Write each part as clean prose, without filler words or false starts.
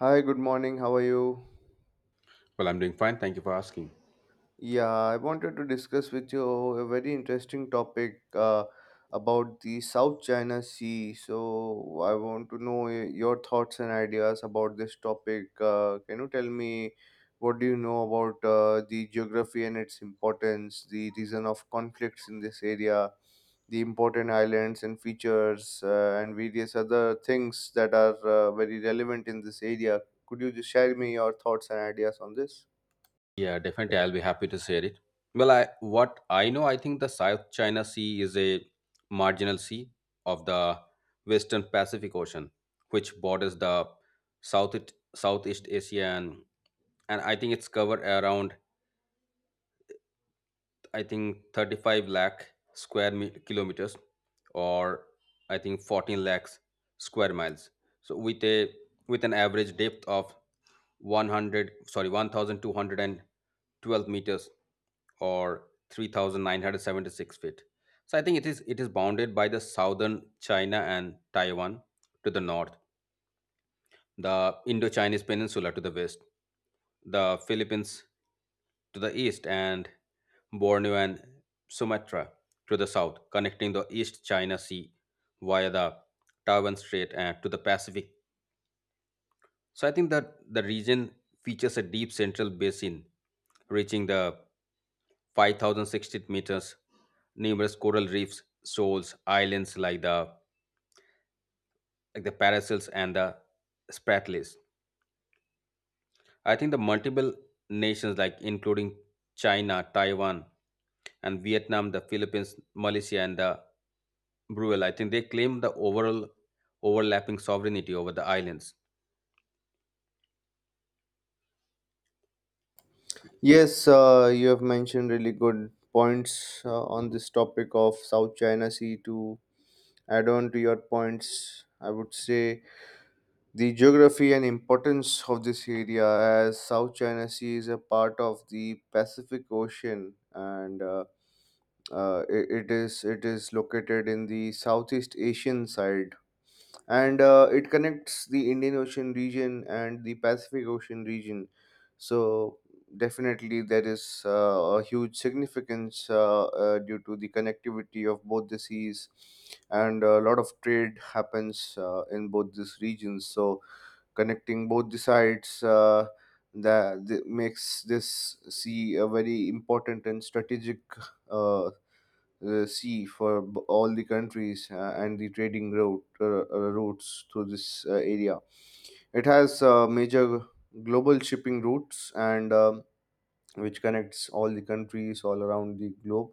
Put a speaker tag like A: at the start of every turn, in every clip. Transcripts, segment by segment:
A: Hi, good morning. How are you?
B: Well, I'm doing fine. Thank you for asking.
A: Yeah, I wanted to discuss with you a very interesting topic about the South China Sea. So, I want to know your thoughts and ideas about this topic. Can you tell me what do you know about the geography and its importance, the reason of conflicts in this area, the important islands and features, and various other things that are very relevant in this area? Could you just share me your thoughts and ideas on this?
B: Yeah, definitely. I'll be happy to share it. Well, I what I know, I think the South China Sea is a marginal sea of the Western Pacific Ocean, which borders the South Southeast Asia, and I think it's covered around I think 35 lakh square kilometers, or I think 14 lakhs square miles. So with a with an average depth of 100 sorry 1212 meters or 3,976 feet. So I think it is bounded by the Southern China and Taiwan to the north, the Indo-Chinese peninsula to the west, the Philippines to the east, and Borneo and Sumatra to the south, connecting the East China Sea via the Taiwan Strait and to the Pacific. So I think that the region features a deep central basin reaching the 5,060 meters, numerous coral reefs, shoals, islands like the Paracels and the Spratlys. I think the multiple nations like including China, Taiwan, and Vietnam, the Philippines, Malaysia, and the Brunei. I think they claim the overall overlapping sovereignty over the islands.
A: Yes, you have mentioned really good points on this topic of South China Sea. To add on to your points, I would say the geography and importance of this area, as South China Sea is a part of the Pacific Ocean, and it is located in the Southeast Asian side and it connects the Indian Ocean region and the Pacific Ocean region. So definitely there is a huge significance due to the connectivity of both the seas, and a lot of trade happens in both these regions. So connecting both the sides. That makes this sea a very important and strategic uh, sea for all the countries and the trading route routes through this area. It has major global shipping routes and which connects all the countries all around the globe.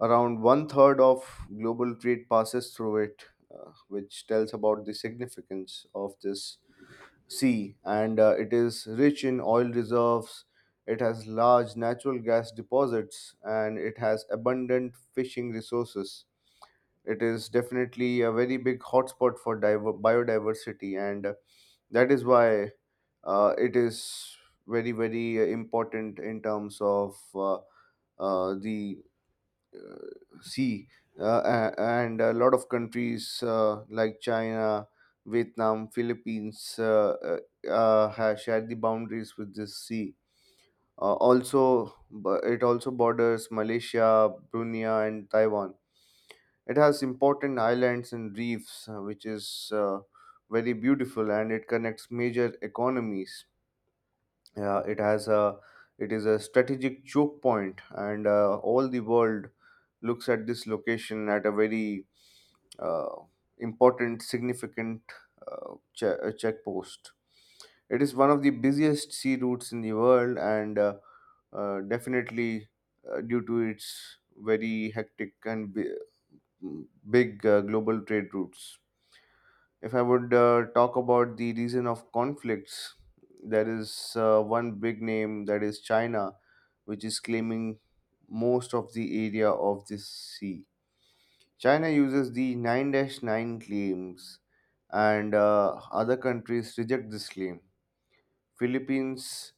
A: Around one third of global trade passes through it, which tells about the significance of this sea. And it is rich in oil reserves. It has large natural gas deposits, and it has abundant fishing resources. It is definitely a very big hotspot for biodiversity, and that is why it is very, very important in terms of the sea. Uh, and a lot of countries like China, Vietnam, Philippines have shared the boundaries with this sea. Also, it also borders Malaysia, Brunei, and Taiwan. It has important islands and reefs, which is very beautiful, and it connects major economies. Yeah, it has a it is a strategic choke point, and all the world looks at this location at a very uh, important, significant checkpost. It is one of the busiest sea routes in the world, and definitely due to its very hectic and big global trade routes. If I would talk about the reason of conflicts, there is one big name, that is China, which is claiming most of the area of this sea. China uses the 9 dash 9 claims, and other countries reject this claim. Philippines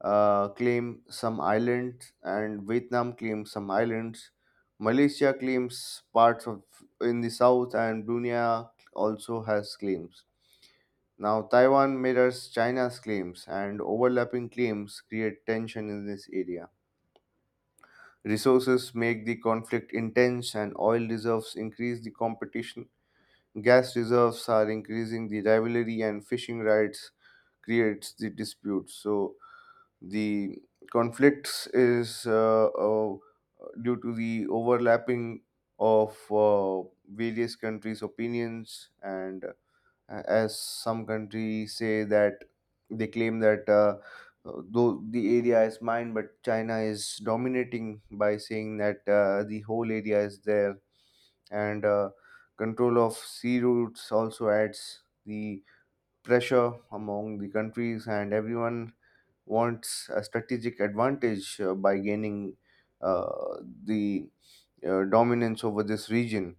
A: claim some islands, and Vietnam claims some islands. Malaysia claims parts of in the south, and Brunei also has claims. Now Taiwan mirrors China's claims, and overlapping claims create tension in this area. Resources make the conflict intense, and oil reserves increase the competition. Gas reserves are increasing the rivalry, and fishing rights creates the dispute. So the conflicts is due to the overlapping of various countries' opinions, and as some countries say that they claim that though the area is mine, but China is dominating by saying that the whole area is there, and control of sea routes also adds the pressure among the countries, and everyone wants a strategic advantage by gaining uh, the dominance over this region.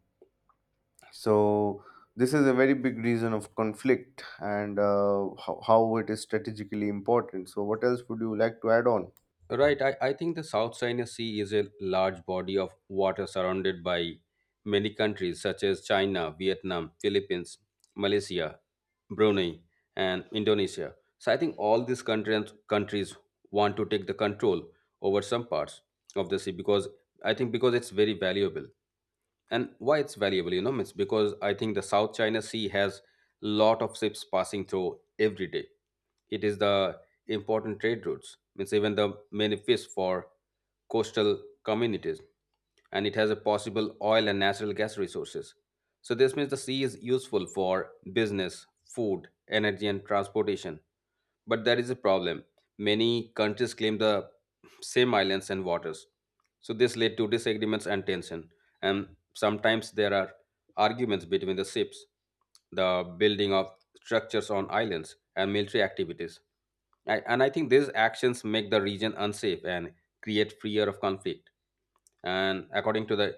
A: So, this is a very big reason of conflict, and how it is strategically important. So, what else would you like to add on?
B: Right, I think the South China Sea is a large body of water surrounded by many countries such as China, Vietnam, Philippines, Malaysia, Brunei, and Indonesia. So I think all these countries want to take the control over some parts of the sea, because I think because it's very valuable. And why it's valuable, you know, it's because I think the South China Sea has lot of ships passing through every day. It is the important trade routes, means even the many fish for coastal communities, and it has a possible oil and natural gas resources. So this means the sea is useful for business, food, energy, and transportation. But there is a problem. Many countries claim the same islands and waters, so this led to disagreements and tension. And sometimes there are arguments between the ships, the building of structures on islands, and military activities. And I think these actions make the region unsafe and create fear of conflict. And according to the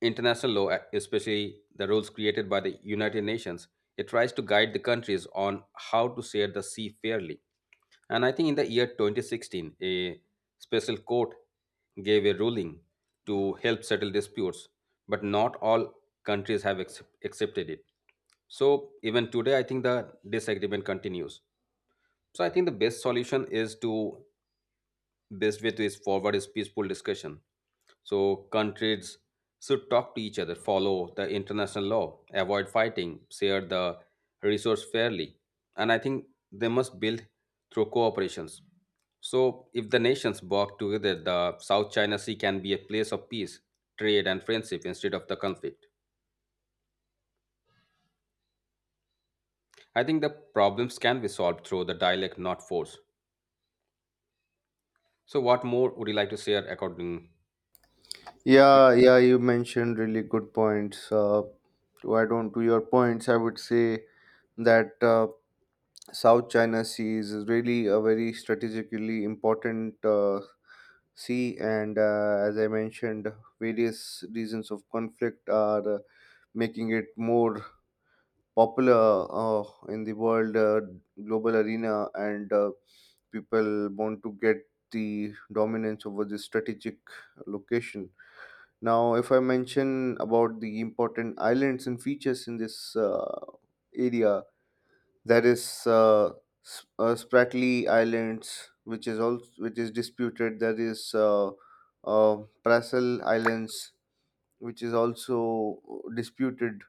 B: international law, especially the rules created by the United Nations, it tries to guide the countries on how to share the sea fairly. And I think in the year 2016, a special court gave a ruling to help settle disputes, but not all countries have accepted it. So even today, I think the disagreement continues. So I think the best solution is to best way to is forward is peaceful discussion. So countries should talk to each other, follow the international law, avoid fighting, share the resource fairly, and I think they must build through cooperations. So if the nations work together, the South China Sea can be a place of peace, trade, and friendship instead of the conflict. I think the problems can be solved through the dialect, not force. So what more would you like to share according.
A: Yeah, yeah, you mentioned really good points. To add on to your points, I would say that. South China Sea is really a very strategically important sea, and as I mentioned, various reasons of conflict are making it more popular in the world global arena, and people want to get the dominance over this strategic location. Now, if I mention about the important islands and features in this area, there is Spratly Islands, which is also which is disputed. There is Prassel Islands, which is also disputed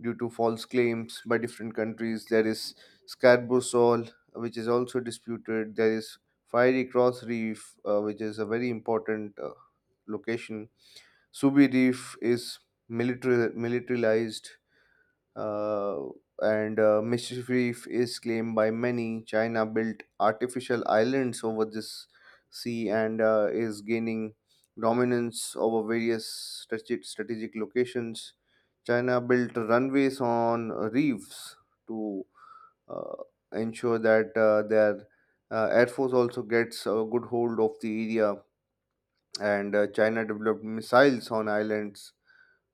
A: due to false claims by different countries. There is Scarborough Shoal, which is also disputed. There is Fiery Cross Reef, which is a very important location. Subi Reef is military militarized, uh, and Mischief Reef is claimed by many. China built artificial islands over this sea and is gaining dominance over various strategic, strategic locations. China built runways on reefs to uh, ensure that their air force also gets a good hold of the area. And China developed missiles on islands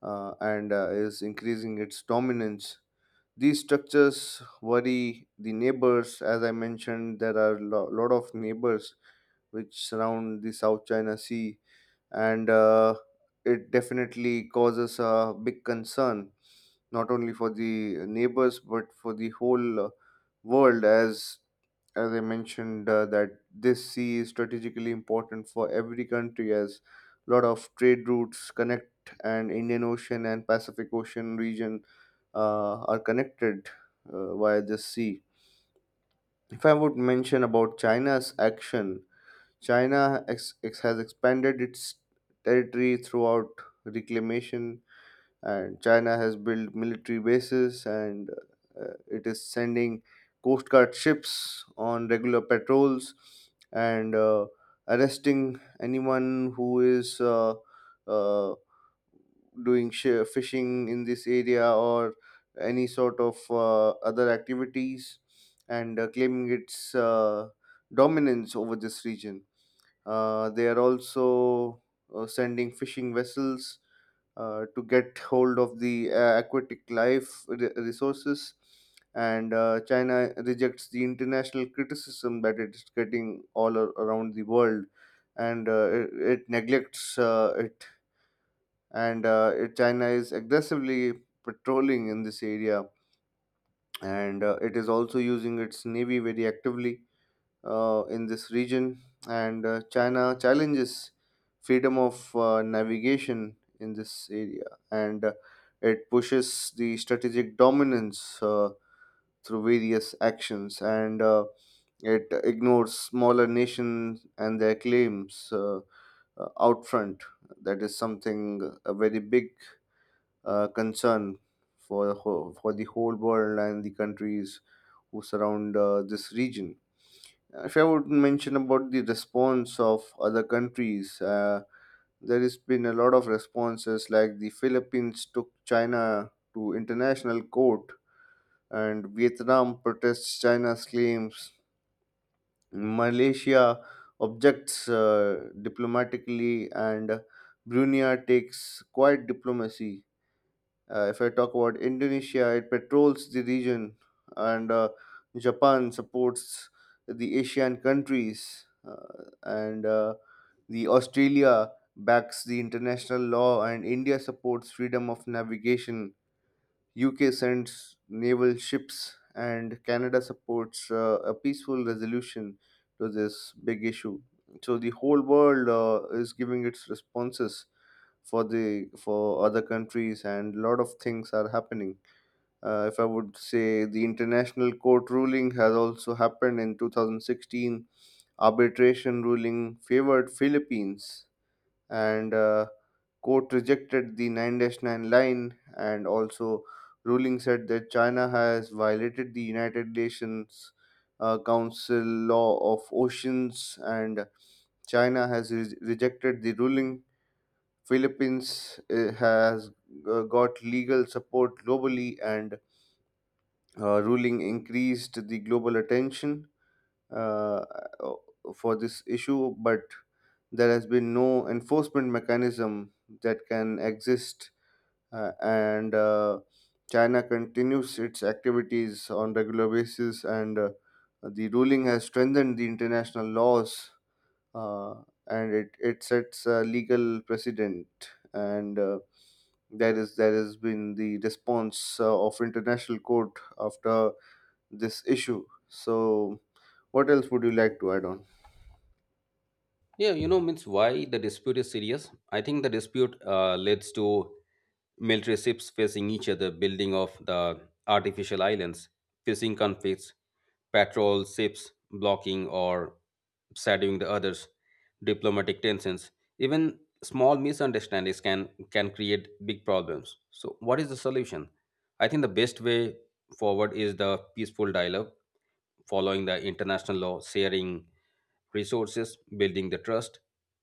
A: and is increasing its dominance. These structures worry the neighbors. As I mentioned, there are a lot of neighbors which surround the South China Sea, and it definitely causes a big concern not only for the neighbors but for the whole world. As I mentioned, that this sea is strategically important for every country, as a lot of trade routes connect, and Indian Ocean and Pacific Ocean region are connected via this sea. If I would mention about China's action, China has expanded its territory throughout reclamation, and China has built military bases, and it is sending coast guard ships on regular patrols, and arresting anyone who is uh, doing fishing in this area or any sort of other activities and claiming its dominance over this region. They are also sending fishing vessels to get hold of the aquatic life resources. And China rejects the international criticism that it is getting all around the world, and it neglects it, and China is aggressively patrolling in this area, and it is also using its navy very actively in this region. And China challenges freedom of navigation in this area, and it pushes the strategic dominance through various actions, and it ignores smaller nations and their claims out front. That is something a very big concern for the whole world and the countries who surround this region. If I would mention about the response of other countries, there has been a lot of responses, like the Philippines took China to international court, and Vietnam protests China's claims. Malaysia objects diplomatically, and Brunei takes quiet diplomacy. If I talk about Indonesia, it patrols the region, and Japan supports the Asian countries, and the Australia backs the international law, and India supports freedom of navigation. UK sends naval ships, and Canada supports a peaceful resolution to this big issue. So the whole world is giving its responses for the for other countries, and lot of things are happening. If I would say, the international court ruling has also happened in 2016. Arbitration ruling favored Philippines, and court rejected the 9-9 line, and also ruling said that China has violated the United Nations council law of oceans, and China has rejected the ruling. Philippines has got legal support globally, and ruling increased the global attention uh, uh, for this issue, but there has been no enforcement mechanism that can exist, and China continues its activities on regular basis, and the ruling has strengthened the international laws, uh, and it sets a legal precedent and. That is that has been the response of international court after this issue. So, what else would you like to add on?
B: Yeah, you know, means why the dispute is serious. I think the dispute leads to military ships facing each other, building of the artificial islands, fishing conflicts, patrol ships blocking or shadowing the others, diplomatic tensions, even small misunderstandings can create big problems. So, what is the solution? I think the best way forward is the peaceful dialogue, following the international law, sharing resources, building the trust,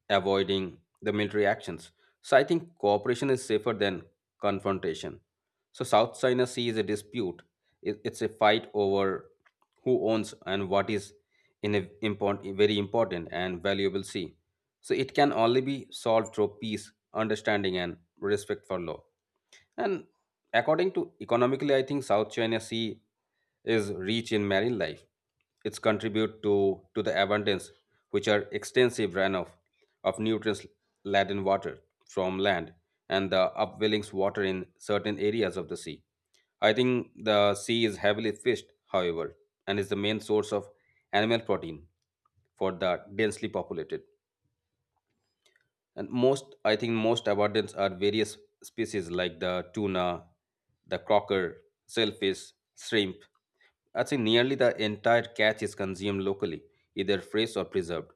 B: avoiding the military actions. So, I think cooperation is safer than confrontation. So, South China Sea is a dispute. It's a fight over who owns and what is in a import, very important and valuable see, so it can only be solved through peace, understanding, and respect for law. And according to economically, I think South China Sea is rich in marine life. Its contribute to the abundance, which are extensive runoff of nutrients laden water from land and the upwellings water in certain areas of the sea. I think the sea is heavily fished, however, and is the main source of animal protein for the densely populated. And most, I think, most abundance are various species like the tuna, the crocker, shellfish, shrimp. I think nearly the entire catch is consumed locally, either fresh or preserved.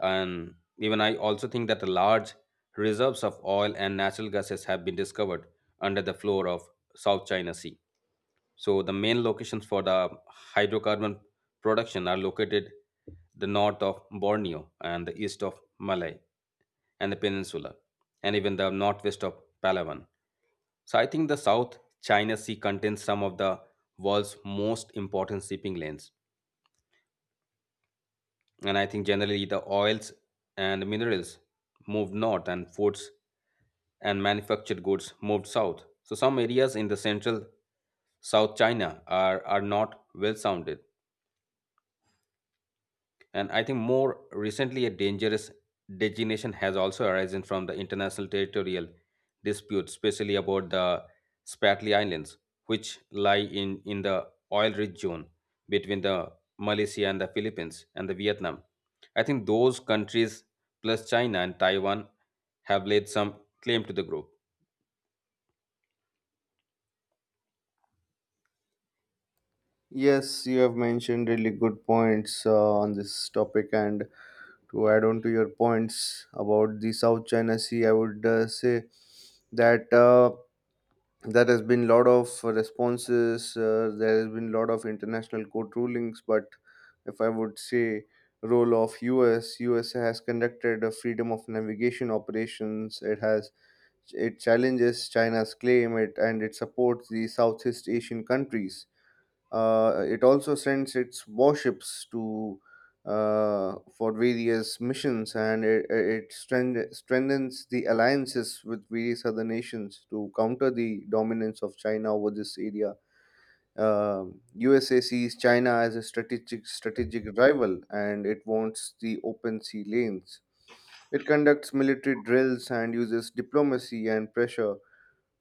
B: And even I also think that the large reserves of oil and natural gases have been discovered under the floor of South China Sea. So the main locations for the hydrocarbon production are located the north of Borneo and the east of Malay and the peninsula, and even the northwest of Palawan. So I think the South China Sea contains some of the world's most important shipping lanes. And I think generally the oils and minerals moved north and foods and manufactured goods moved south. So some areas in the central South China are not well sounded. And I think more recently, a dangerous designation has also arisen from the international territorial dispute, especially about the Spratly Islands, which lie in the oil rich zone between the Malaysia and the Philippines and the Vietnam. I think those countries, plus China and Taiwan, have laid some claim to the group.
A: Yes, you have mentioned really good points on this topic, and to add on to your points about the South China Sea, I would say that. There has been lot of responses, there has been lot of international court rulings, but if I would say, role of US has conducted a freedom of navigation operations. It has it challenges China's claim, it and it supports the Southeast Asian countries. It also sends its warships to for various missions, and it strengthens the alliances with various other nations to counter the dominance of China over this area. USA sees China as a strategic rival, and it wants the open sea lanes. It conducts military drills and uses diplomacy and pressure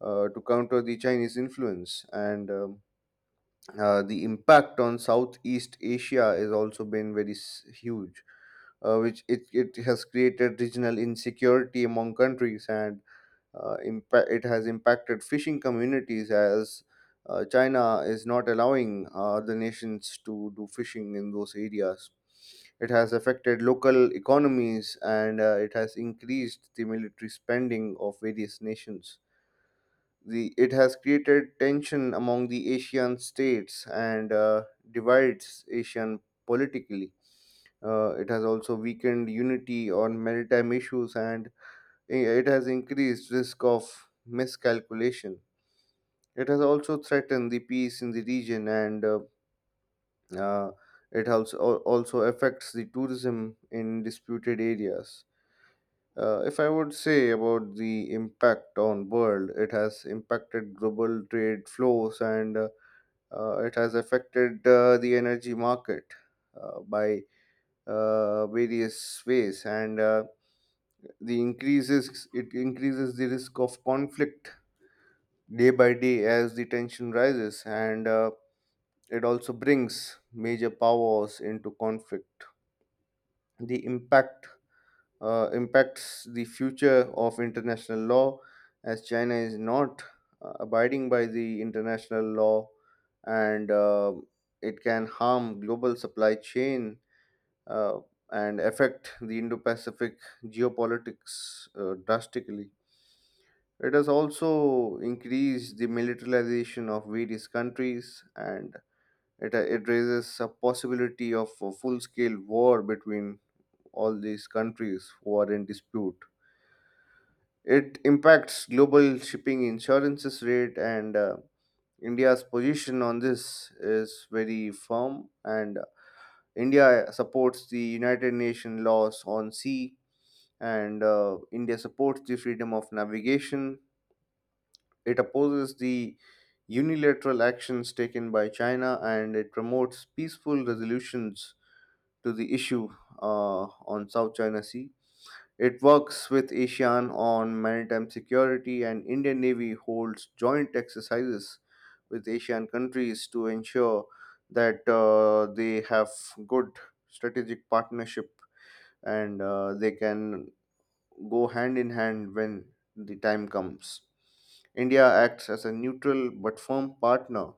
A: to counter the Chinese influence. And the impact on Southeast Asia has also been very huge, which it has created regional insecurity among countries, and it has impacted fishing communities, as China is not allowing the nations to do fishing in those areas. It has affected local economies, and it has increased the military spending of various nations. The It has created tension among the Asian states and divides Asian politically. It has also weakened unity on maritime issues, and it has increased risk of miscalculation. It has also threatened the peace in the region, and uh, it also, also affects the tourism in disputed areas. If I would say about the impact on world, it has impacted global trade flows, and it has affected the energy market by various ways, and the increases it increases the risk of conflict day by day as the tension rises, and it also brings major powers into conflict. The impact impacts the future of international law, as China is not abiding by the international law, and it can harm global supply chain uh, and affect the Indo-Pacific geopolitics drastically. It has also increased the militarization of various countries, and it raises a possibility of a full-scale war between all these countries who are in dispute. It impacts global shipping insurances rate, and India's position on this is very firm. And India supports the United Nations laws on sea, and India supports the freedom of navigation. It opposes the unilateral actions taken by China, and it promotes peaceful resolutions to the issue on South China Sea. It works with ASEAN on maritime security, and Indian Navy holds joint exercises with ASEAN countries to ensure that they have good strategic partnership, and they can go hand in hand when the time comes. India acts as a neutral but firm partner,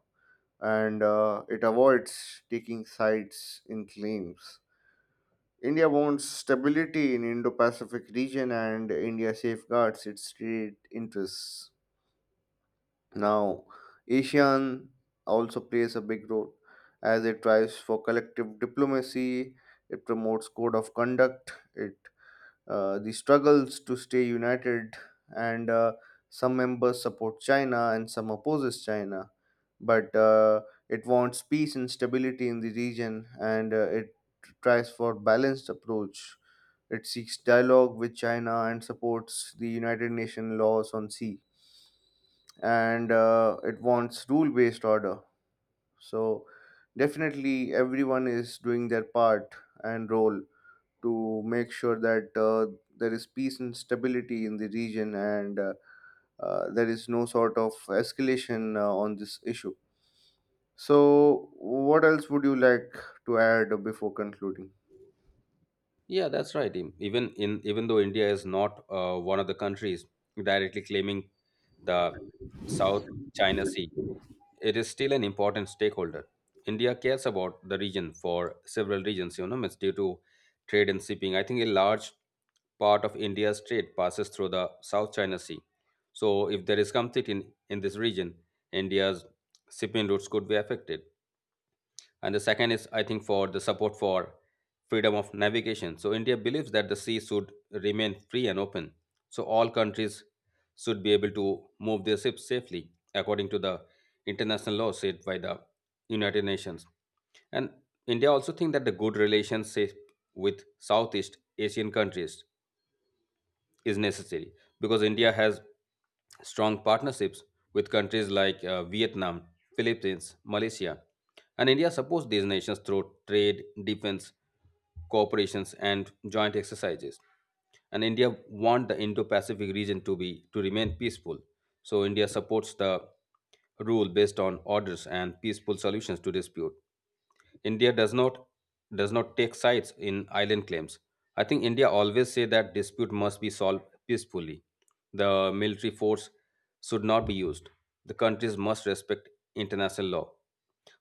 A: and it avoids taking sides in claims. India wants stability in Indo-Pacific region, and India safeguards its trade interests. Now, ASEAN also plays a big role, as it tries for collective diplomacy, it promotes code of conduct, it the struggles to stay united, and some members support China and some opposes China. But it wants peace and stability in the region, and it tries for balanced approach. It seeks dialogue with China and supports the United Nations laws on sea, and it wants rule-based order. So definitely, everyone is doing their part and role to make sure that there is peace and stability in the region, and there is no sort of escalation on this issue. So, what else would you like to add before concluding?
B: Yeah, that's right. Even though India is not one of the countries directly claiming the South China Sea, it is still an important stakeholder. India cares about the region for several reasons, you know, it's due to trade and shipping. I think a large part of India's trade passes through the South China Sea. So, if there is conflict in this region, India's shipping routes could be affected. And the second is, I think, for the support for freedom of navigation. So India believes that the sea should remain free and open, so all countries should be able to move their ships safely according to the international law set by the United Nations. And India also think that the good relations say, with Southeast Asian countries is necessary, because India has strong partnerships with countries like Vietnam, Philippines, Malaysia, and India supports these nations through trade, defense, cooperations, and joint exercises. And India wants the Indo-Pacific region to be to remain peaceful. So India supports the rule based on orders and peaceful solutions to dispute. India does not take sides in island claims. I think India always say that dispute must be solved peacefully. The military force should not be used. The countries must respect international law.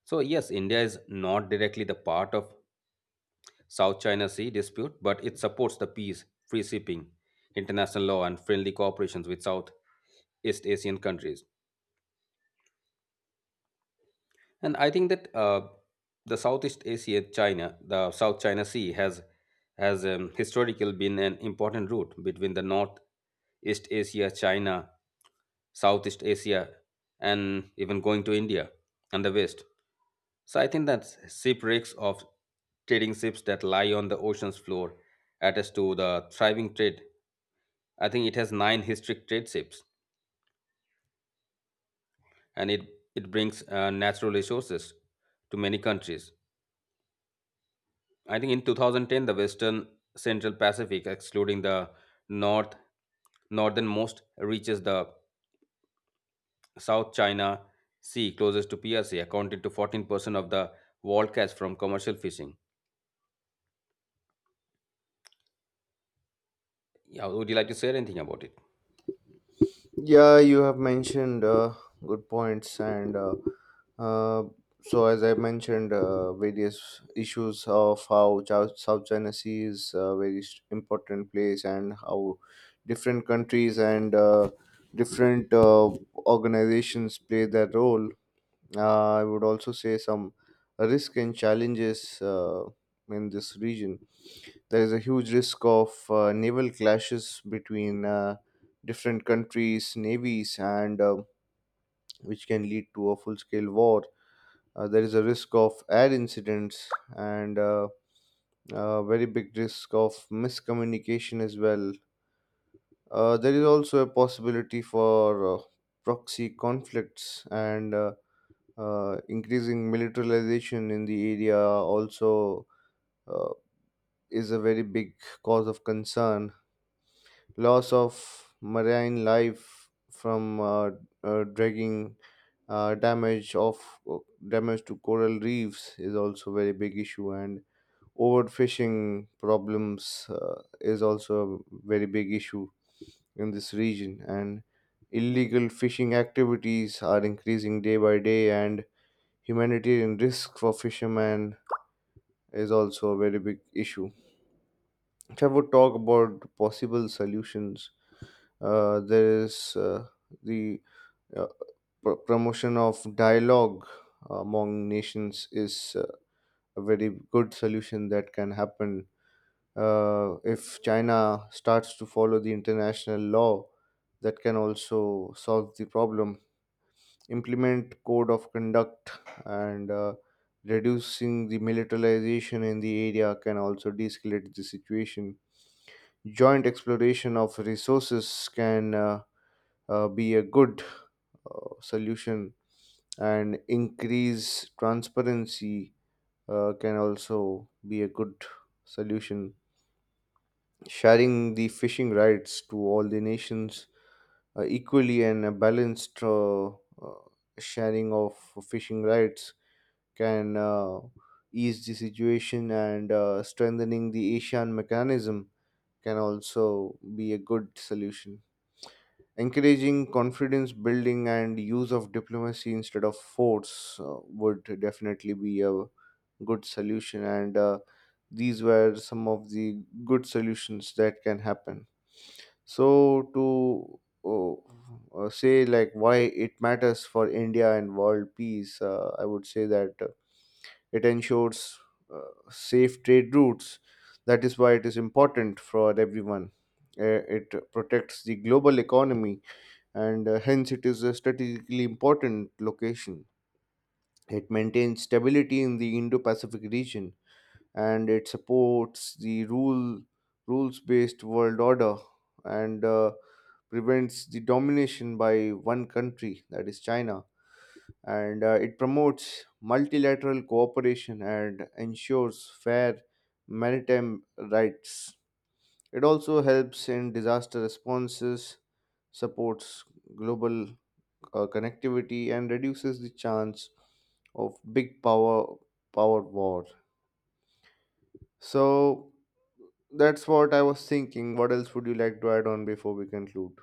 B: So yes, India is not directly the part of South China Sea dispute, but it supports the peace, free shipping, international law, and friendly cooperations with South East Asian countries. And I think that the Southeast Asia, China, the South China Sea has historically been an important route between the North East Asia, China, Southeast Asia, and even going to India and the West. So I think that shipwrecks of trading ships that lie on the ocean's floor attest to the thriving trade. I think it has nine historic trade ships, and it brings natural resources to many countries. I think in 2010, the Western Central Pacific, excluding the north northernmost, reaches the South China Sea closest to PRC, accounted to 14% of the world catch from commercial fishing. Yeah, would you like to say anything about it?
A: Yeah, you have mentioned good points, and uh, so as I mentioned, various issues of how South China Sea is a very important place, and how different countries and different organizations play their role. I would also say some risk and challenges in this region. There is a huge risk of naval clashes between different countries' navies, and which can lead to a full-scale war. There is a risk of air incidents, and a very big risk of miscommunication as well. There is also a possibility for proxy conflicts, and increasing militarization in the area also uh, is a very big cause of concern. Loss of marine life from dragging, damage of uh, damage to coral reefs is also very big issue, and overfishing problems is also a very big issue in this region. And illegal fishing activities are increasing day by day, and humanitarian risk for fishermen is also a very big issue. If I would talk about possible solutions, there is the uh, pro promotion of dialogue among nations is a very good solution that can happen. If China starts to follow the international law, that can also solve the problem. Implement code of conduct, and reducing the militarization in the area can also de-escalate the situation. Joint exploration of resources can be a good solution, and increase transparency can also be a good solution. Sharing the fishing rights to all the nations equally, and a balanced sharing of fishing rights can ease the situation, and strengthening the ASEAN mechanism can also be a good solution. Encouraging confidence building and use of diplomacy instead of force would definitely be a good solution. And these were some of the good solutions that can happen. So, to say like why it matters for India and world peace, I would say that it ensures uh, safe trade routes. That is why it is important for everyone. It protects the global economy, and hence it is a strategically important location. It maintains stability in the Indo-Pacific region, and it supports the rules-based world order, and prevents the domination by one country, that is China, and it promotes multilateral cooperation and ensures fair maritime rights. It also helps in disaster responses, supports global connectivity, and reduces the chance of big power war. So that's what I was thinking. What else would you like to add on before we conclude?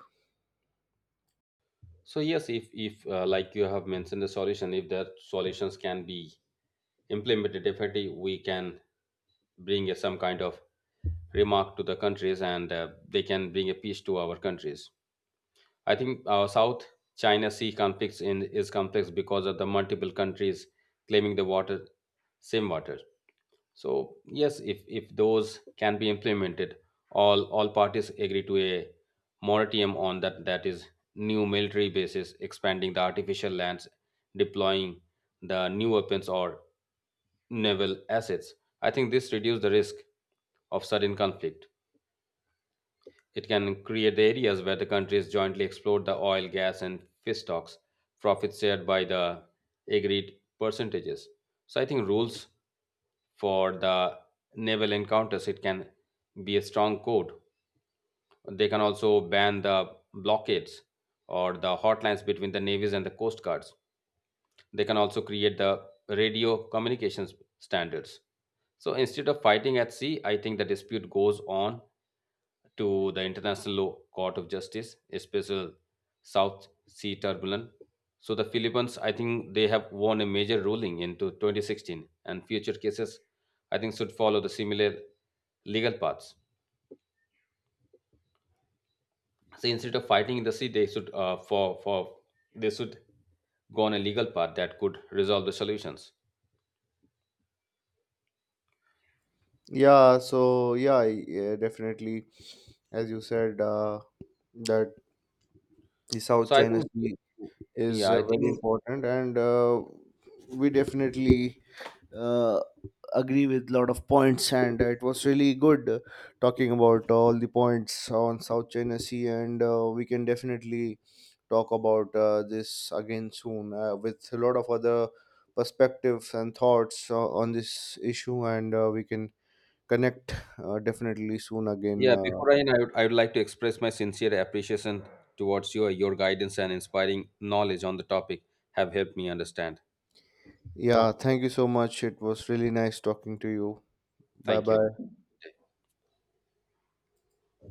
B: So yes, if like you have mentioned the solution, if the solutions can be implemented, definitely we can bring a, some kind of remark to the countries, and they can bring a peace to our countries. I think South China Sea conflicts in is complex because of the multiple countries claiming the water, same water. So yes, if those can be implemented, all parties agree to a moratorium on that that is new military bases, expanding the artificial lands, deploying the new weapons or naval assets. I think this reduces the risk of sudden conflict. It can create the areas where the countries jointly exploit the oil, gas, and fish stocks, profits shared by the agreed percentages. So I think rules for the naval encounters, it can be a strong code. They can also ban the blockades or the hotlines between the navies and the coast guards. They can also create the radio communications standards. So instead of fighting at sea, I think the dispute goes on to the International Law Court of Justice, especially South Sea turbulent. So the Philippines, I think they have won a major ruling into 2016, and future cases, I think, should follow the similar legal paths. So instead of fighting in the sea, they should for they should go on a legal path that could resolve the solutions.
A: Yeah, so yeah, definitely, as you said, that the South
B: So I
A: China
B: think,
A: Sea is
B: yeah, I
A: very
B: think
A: important, and we definitely uh, agree with lot of points, and it was really good talking about all the points on South China Sea, and we can definitely talk about this again soon with a lot of other perspectives and thoughts on this issue, and we can connect definitely soon again.
B: Yeah, before I end, I would like to express my sincere appreciation towards you. Your guidance and inspiring knowledge on the topic have helped me understand.
A: Yeah, thank you so much. It was really nice talking to you. Bye
B: Thank you.
A: bye.